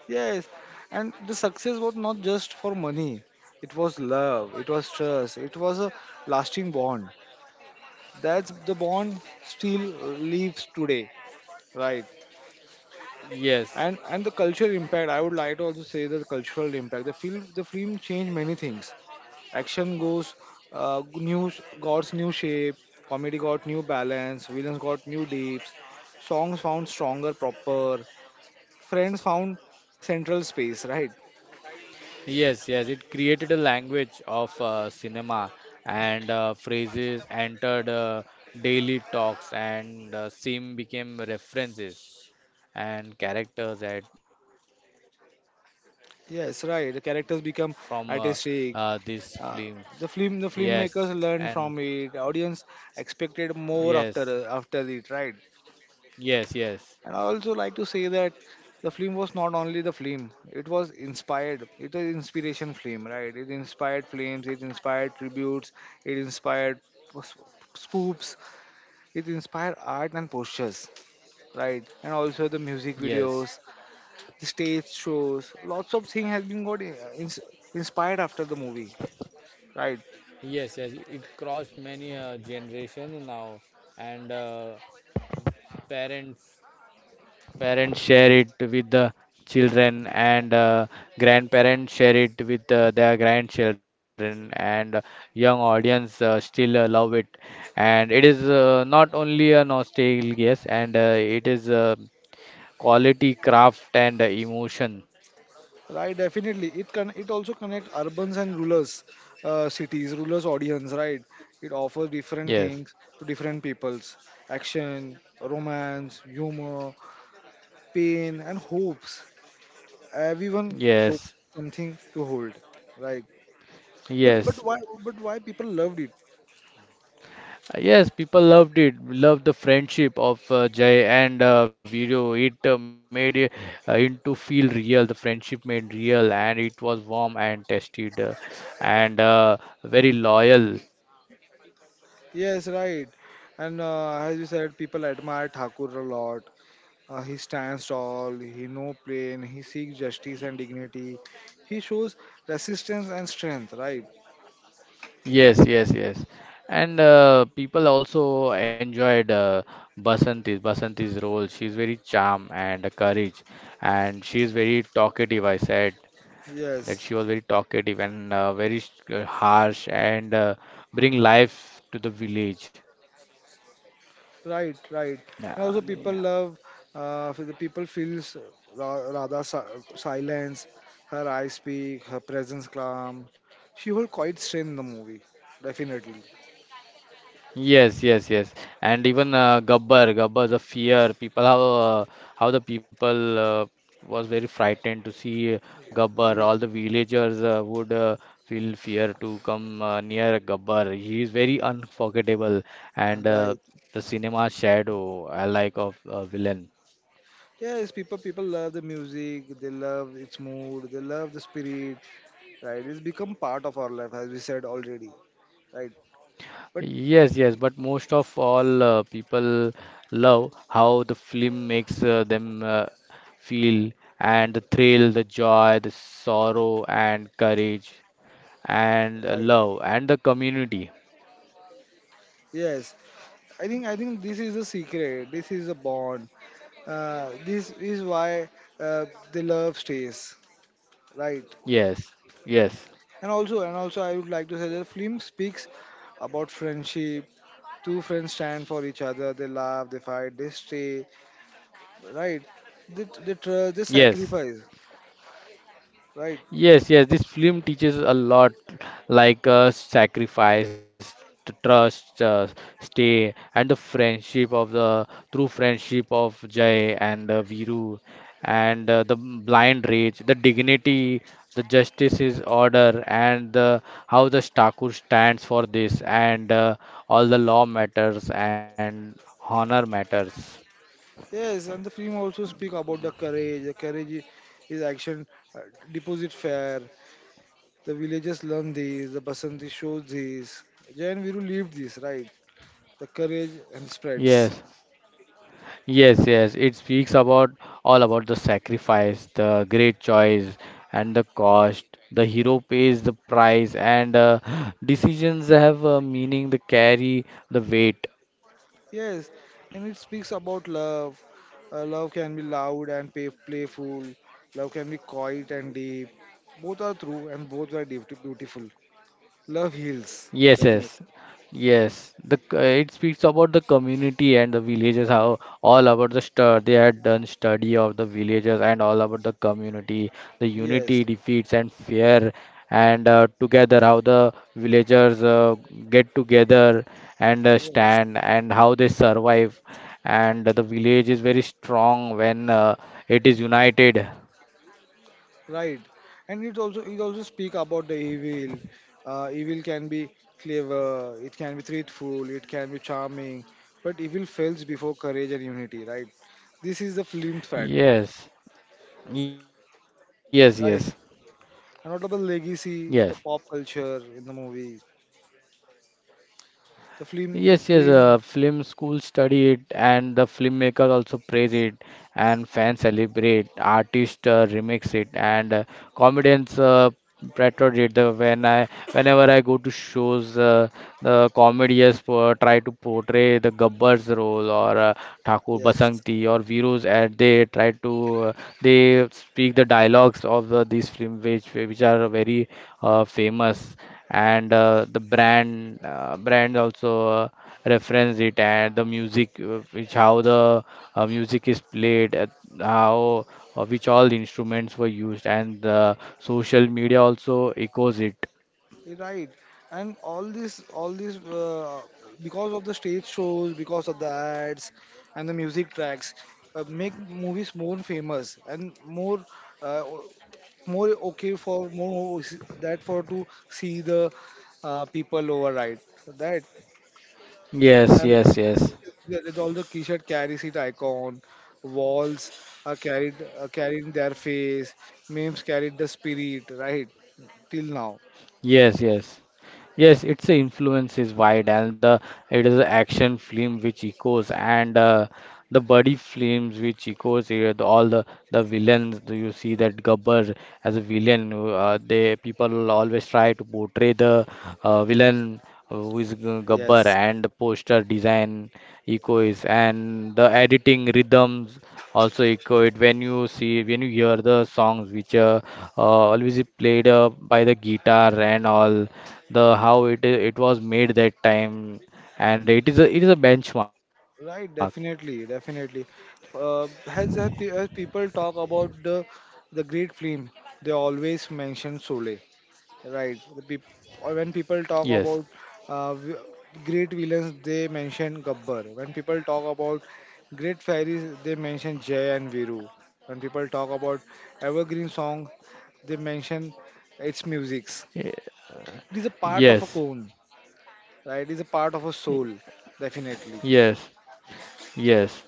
[SPEAKER 1] Yes, and the success was not just for money. It was love. It was trust. It was a lasting bond. That's the bond still lives today, right?
[SPEAKER 2] Yes,
[SPEAKER 1] And the cultural impact — I would like to also say the cultural impact. The film changed many things. Action goes new, got new shape, comedy got new balance, villains got new deeps, songs found stronger proper, friends found central space, right?
[SPEAKER 2] yes, yes, it created a language of cinema, and phrases entered daily talks, and sim became references, and characters at archetypes, and
[SPEAKER 1] Yes,
[SPEAKER 2] filmmakers
[SPEAKER 1] right. The
[SPEAKER 2] learned a
[SPEAKER 1] characters
[SPEAKER 2] lot
[SPEAKER 1] become
[SPEAKER 2] from
[SPEAKER 1] artistic.
[SPEAKER 2] this
[SPEAKER 1] Uh,
[SPEAKER 2] film.
[SPEAKER 1] the filmmakers
[SPEAKER 2] Yes,
[SPEAKER 1] learn from
[SPEAKER 2] and
[SPEAKER 1] it. Audience expected more
[SPEAKER 2] yes,
[SPEAKER 1] after it, right?
[SPEAKER 2] yes, yes,
[SPEAKER 1] And I also like to say that the film was not only the film; it was inspired. It was inspiration film, right? It inspired films. It inspired tributes. It inspired s- spoofs. It inspired art and postures, right? And also the music
[SPEAKER 2] yes.
[SPEAKER 1] videos, the stage shows. Lots of things has been got inspired after the movie, right?
[SPEAKER 2] Yes, yes, it crossed many generations now, and parents Parents share it with the children, and grandparents share it with their grandchildren, and young audience still love it. And it is not only a nostalgia, yes, and it is quality, craft, and emotion.
[SPEAKER 1] Right, definitely. It also connect urbans and rulers, cities, rulers audience, right? It offers different
[SPEAKER 2] Yes,
[SPEAKER 1] things to different peoples. Action, romance, humor, pain, and hopes. Everyone for
[SPEAKER 2] yes,
[SPEAKER 1] something to hold, right? But
[SPEAKER 2] yes.
[SPEAKER 1] why people loved it?
[SPEAKER 2] Yes, people loved it. Loved the friendship of Jay and Viro. It made it into feel real. The friendship made real, and it was warm and tested, and very loyal.
[SPEAKER 1] Yes, right. And as you said, people admire Thakur a lot. He stands tall, he no pain, he seeks justice and dignity. He shows resistance and strength, right?
[SPEAKER 2] Yes, yes, yes. And people also enjoyed Basanti's role. She's very charm and courage, and she's very talkative. I said that
[SPEAKER 1] Yes,
[SPEAKER 2] she was very talkative and harsh and bring life to the village.
[SPEAKER 1] right, right. And
[SPEAKER 2] Yeah,
[SPEAKER 1] also people
[SPEAKER 2] yeah.
[SPEAKER 1] love, the people feels Radha's silence, her eyes speak, her presence calm. She hold quite strength in the movie, definitely.
[SPEAKER 2] Yes, yes, yes. And even Gabbar, the fear, people how the people was very frightened to see Gabbar. All
[SPEAKER 1] Ye-
[SPEAKER 2] the villagers would feel fear to come near Gabbar. He is very unforgettable, and
[SPEAKER 1] Right.
[SPEAKER 2] the cinema shadow, I like of villain.
[SPEAKER 1] Yes, people love the music, they love its mood, they love the spirit, right? It's become part of our life, as we said already, right? But
[SPEAKER 2] Yes, yes, but most of all, people love how the film makes them feel, and the thrill, the joy, the sorrow, and courage, and
[SPEAKER 1] right,
[SPEAKER 2] love, and the community.
[SPEAKER 1] yes, I think, this is a secret, this is a bond. This is why uh, the love stays, right?
[SPEAKER 2] Yes, yes,
[SPEAKER 1] And also, I would like to say that film speaks about friendship. Two friends stand for each other, they laugh, they fight, they stay, right? They trust, they
[SPEAKER 2] yes,
[SPEAKER 1] sacrifice, right?
[SPEAKER 2] yes, yes, this film teaches a lot, like sacrifice, trust, stay, and the friendship of the true friendship of Jay and Viru, and the blind rage, the dignity, the justice order, and the, how the Stakur stands for this, and all the law matters and honor matters.
[SPEAKER 1] Yes, and the film also speak about the courage, the courage is action, uh, deposit fair. The villagers learned these. The Basanti shows this. Jayan Viru lived this, right? The courage and spreads.
[SPEAKER 2] Yes, yes, yes, it speaks about all about the sacrifice, the great choice, and the cost. The hero pays the price, and decisions have a meaning. They carry the weight.
[SPEAKER 1] Yes, and it speaks about love. Love can be loud and playful. Love can be quiet and deep. Both are true and both are deep, beautiful. Love heals,
[SPEAKER 2] Yes,
[SPEAKER 1] definitely.
[SPEAKER 2] yes, yes. The it speaks about the community and the villagers. How all about the stu they had done study of the villagers and all about the community, the
[SPEAKER 1] Yes,
[SPEAKER 2] unity, defeats and fear, and together how the villagers get together and
[SPEAKER 1] yes,
[SPEAKER 2] stand and how they survive, and the village is very strong when it is united.
[SPEAKER 1] right, and it also, speak about the evil. Evil can be clever, it can be truthful, it can be charming, but evil fails before courage and unity, right? This is the film's fact,
[SPEAKER 2] Yes, yes, yes,
[SPEAKER 1] right? A
[SPEAKER 2] yes.
[SPEAKER 1] notable legacy, the pop culture in the movie.
[SPEAKER 2] Yes,
[SPEAKER 1] the
[SPEAKER 2] yes,
[SPEAKER 1] film the
[SPEAKER 2] film
[SPEAKER 1] film
[SPEAKER 2] school study it, and the filmmakers also praise it, and fans celebrate, artists remix it, and comedians parody it. Whenever I go to shows, the try to portray the Gabbar's role or Thakur
[SPEAKER 1] Yes.
[SPEAKER 2] Basanti or Virus, and they try to they speak the dialogues of these film which are very famous, and the brand also reference it, and the music, which how the music is played, how which all the instruments were used, and the social media also echoes it.
[SPEAKER 1] Right, and all this, because of the stage shows, because of the ads and the music tracks, make movies more famous and more, uh, o- more okay for more that for to see the people over, right. That
[SPEAKER 2] Yes,
[SPEAKER 1] and
[SPEAKER 2] yes, yes,
[SPEAKER 1] all the T-shirt carries it icon, walls are carried carrying their face, memes carried the spirit, right, till now.
[SPEAKER 2] yes, yes. Yes, its influence is wide, and the it is an action film which echoes, and the buddy films which echoes here. The, all The villains, do you see that Gabbar as a villain? They people always try to portray the villain, who is Gabbar,
[SPEAKER 1] Yes.
[SPEAKER 2] and the poster design echoes, and the editing rhythms also echo it when you hear the songs which, always is played by the guitar, and all the how it was made that time, and it is a benchmark.
[SPEAKER 1] Right, definitely, definitely. As, as people talk about the great film, they always mention Sole. Right. The peop or when people
[SPEAKER 2] Yes,
[SPEAKER 1] talk about uh, v- great villains, they mention Gabbar. When people talk about great fairies, they mention Jay and Viru. When people talk about evergreen song, they mention its musics.
[SPEAKER 2] Y-
[SPEAKER 1] It is a part of a
[SPEAKER 2] yes,
[SPEAKER 1] cone, right? It is a part of a soul, definitely.
[SPEAKER 2] yes, yes,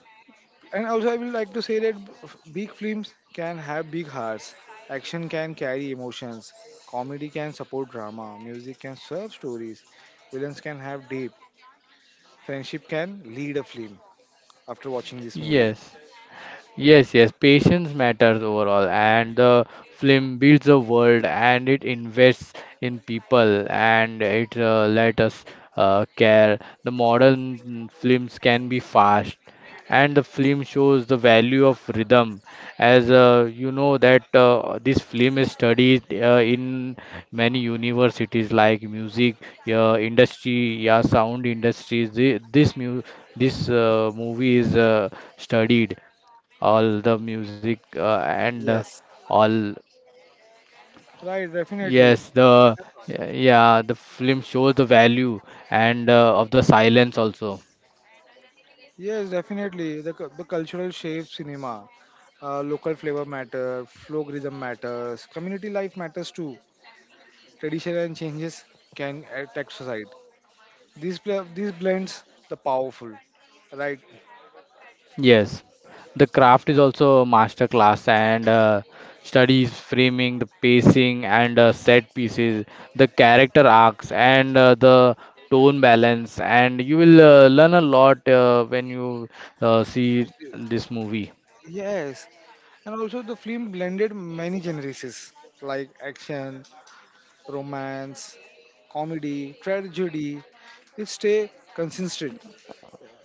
[SPEAKER 1] And also, I will like to say that big films can have big hearts. Action can carry emotions. Comedy can support drama. Music can serve stories. Villains can have deep. Friendship can lead a film after watching this movie.
[SPEAKER 2] yes. Yes, yes, patience matters overall, and the film builds a world and it invests in people and it let us care. The modern films can be fast, and the film shows the value of rhythm. As you know, that this film is studied in many universities like music industry, yeah, sound industries. This mu this movie is studied, all the music and
[SPEAKER 1] Yes.
[SPEAKER 2] all.
[SPEAKER 1] Right, definitely.
[SPEAKER 2] Yes, the yeah, the film shows the value and of the silence also.
[SPEAKER 1] Yes, definitely. The cultural shapes cinema. Local flavor matter, folk rhythm matters, community life matters too. Tradition and changes can affect society. These blends the powerful, right?
[SPEAKER 2] Yes, the craft is also a master class, and studies framing, the pacing and set pieces, the character arcs and the tone balance, and you will learn a lot when you see this movie.
[SPEAKER 1] Yes, and also the film blended many genres like action, romance, comedy, tragedy. It stay consistent.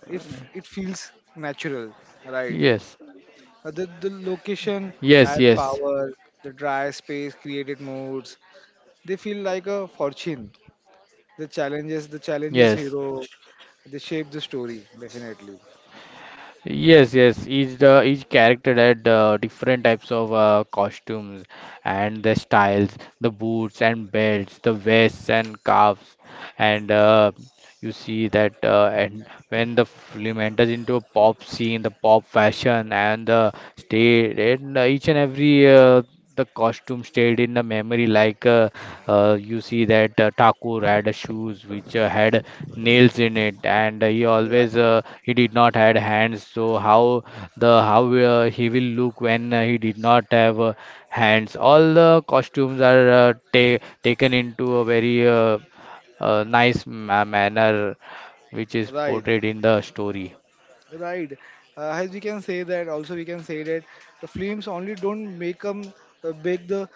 [SPEAKER 1] If it feels natural,
[SPEAKER 2] Yes,
[SPEAKER 1] right? The
[SPEAKER 2] yes,
[SPEAKER 1] location
[SPEAKER 2] yes,
[SPEAKER 1] add power. The dry space created moods. They feel like a fortune. The challenges
[SPEAKER 2] yes.
[SPEAKER 1] hero. They shape the story definitely.
[SPEAKER 2] Yes, yes. Each character had different types of costumes and the styles, the boots and belts, the vests and cuffs, and you see that and when the film enters into a pop scene, the pop fashion and the state and each and every the costume stayed in the memory. You see that Thakur had a shoes which had nails in it, and he
[SPEAKER 1] Right,
[SPEAKER 2] always he did not had hands. So how he will look when he did not have hands? All the costumes are ta taken into a very, nice ma manner which is
[SPEAKER 1] right.
[SPEAKER 2] portrayed in the story.
[SPEAKER 1] Right. As we can say that, also we can say that the films only don't make them make the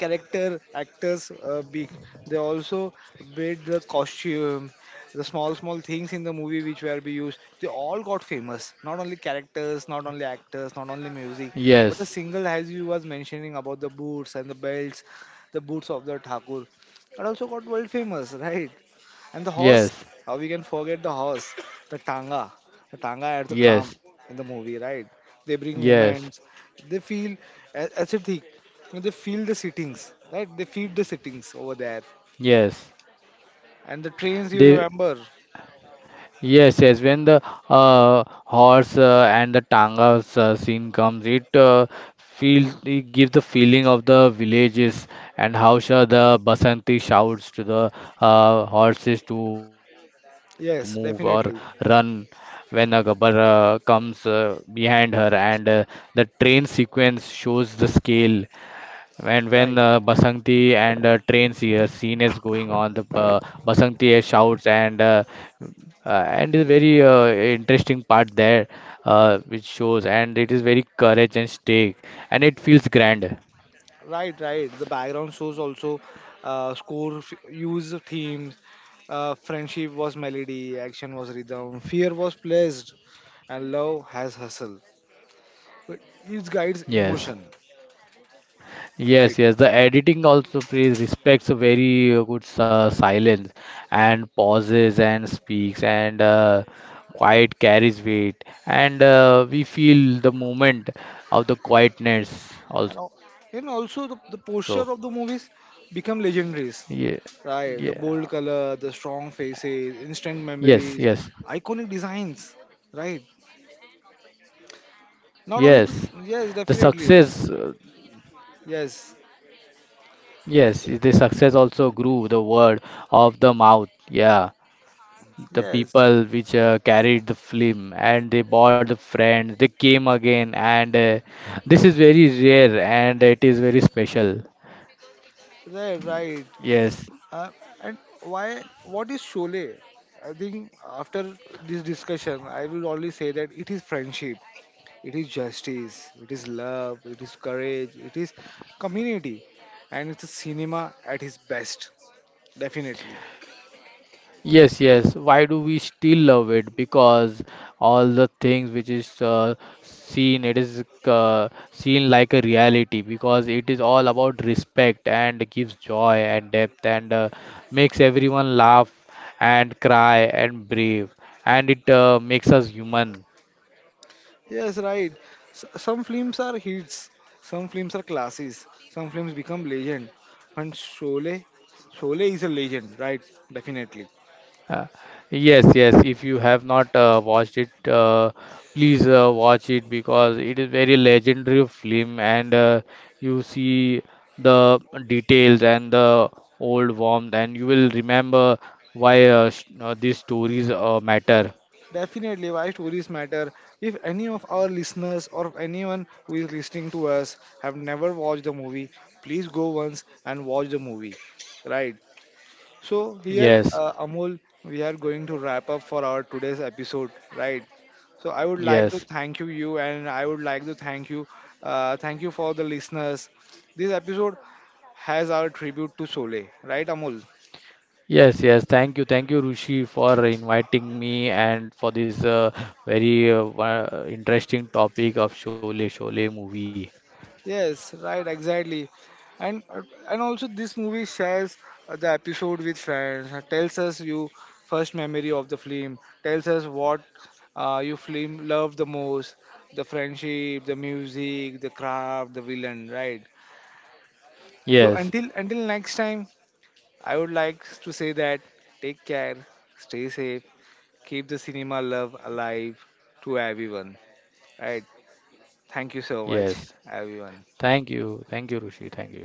[SPEAKER 1] character actors big. They also made the costume, the small small things in the movie which were be used. They all got famous. Not only characters, not only actors, not only music, but
[SPEAKER 2] Yes,
[SPEAKER 1] a single as you was mentioning about the boots and the belts, the boots of the Thakur, that also got world famous, right? And the horse,
[SPEAKER 2] yes,
[SPEAKER 1] how we can forget the horse, the tanga. Tanga adds a
[SPEAKER 2] yes,
[SPEAKER 1] calm in the movie, right? They bring
[SPEAKER 2] yes,
[SPEAKER 1] moments. They feel aesthetic. They feel the sittings, right? They feel the sittings over there.
[SPEAKER 2] yes.
[SPEAKER 1] And the trains you
[SPEAKER 2] They
[SPEAKER 1] remember.
[SPEAKER 2] Yes, yes. When the horse and the tanga scene comes, it gives the feeling of the villages, and how sure the Basanti shouts to the horses to move or
[SPEAKER 1] Yes,
[SPEAKER 2] run
[SPEAKER 1] definitely.
[SPEAKER 2] when Gabbar comes behind her, and the train sequence shows the scale. And when
[SPEAKER 1] Right.
[SPEAKER 2] Basanti and train scene is going on, the Basanti shouts, and is
[SPEAKER 1] Yeah.
[SPEAKER 2] very interesting part there, which shows, and it is very courage and stake, and it feels grand.
[SPEAKER 1] Right, right. The background shows also score use of themes. Friendship was melody, action was rhythm, fear was pleased, and love has hustle. But it guides
[SPEAKER 2] Yes.
[SPEAKER 1] emotion, right?
[SPEAKER 2] Yes, yes. The editing also plays respects a very good silence and pauses and speaks, and quiet carries weight, and we feel the moment of the quietness
[SPEAKER 1] and al-
[SPEAKER 2] also.
[SPEAKER 1] and also the posture of the movies
[SPEAKER 2] Yeah,
[SPEAKER 1] become legendaries,
[SPEAKER 2] yeah,
[SPEAKER 1] right? The bold color, the strong faces,
[SPEAKER 2] yes,
[SPEAKER 1] instant
[SPEAKER 2] yes,
[SPEAKER 1] memories, iconic designs, right? Not only the,
[SPEAKER 2] yes.
[SPEAKER 1] yes,
[SPEAKER 2] The
[SPEAKER 1] definitely,
[SPEAKER 2] success,
[SPEAKER 1] yes,
[SPEAKER 2] yes, the success also grew the word of the mouth. Yeah, the
[SPEAKER 1] yes,
[SPEAKER 2] people which carried the film and they bought the friends, they came again, and this is very rare and it is very special.
[SPEAKER 1] right, right.
[SPEAKER 2] Yes,
[SPEAKER 1] uh, and why what is Sholay? I think after this discussion I will always say that it is friendship, it is justice, it is love, it is courage, it is community, and it's a cinema at its best, definitely.
[SPEAKER 2] yes, yes. Why do we still love it? Because all the things which is seen, it is seen like a reality, because it is all about respect and gives joy and depth, and makes everyone laugh and cry and brave, and it makes us human.
[SPEAKER 1] Yes, right. Some films are hits, some films are classes, some films become legend. And Sholay, Sholay is a legend, right? Definitely.
[SPEAKER 2] Uh, yes, yes. If you have not watched it, please watch it, because it is very legendary film, and you see the details and the old warmth, and you will remember why sh these stories matter.
[SPEAKER 1] Definitely, why stories matter. If any of our listeners or anyone who is listening to us have never watched the movie, please go once and watch the movie, right? So here,
[SPEAKER 2] Yes,
[SPEAKER 1] Amol, we are going to wrap up for our today's episode, right? So I would like to
[SPEAKER 2] yes.
[SPEAKER 1] thank you, you, and I would like to thank you for the listeners. This episode has our tribute to Sole, right, Amol?
[SPEAKER 2] Yes, yes. Thank you. Thank you, Rushi, for inviting me and for this very interesting topic of Sholay, Sholay movie.
[SPEAKER 1] Yes, right, exactly. And uh, and also this movie shares the episode with friends, tells us you first memory of the film, tells us what you film loved the most, the friendship, the music, the craft, the villain, right? So
[SPEAKER 2] Yes,
[SPEAKER 1] until next time, I would like to say that take care, stay safe, keep the cinema love alive to everyone, right? Thank you so much,
[SPEAKER 2] yes.
[SPEAKER 1] everyone.
[SPEAKER 2] Thank you. Thank you, Rishi. Thank you.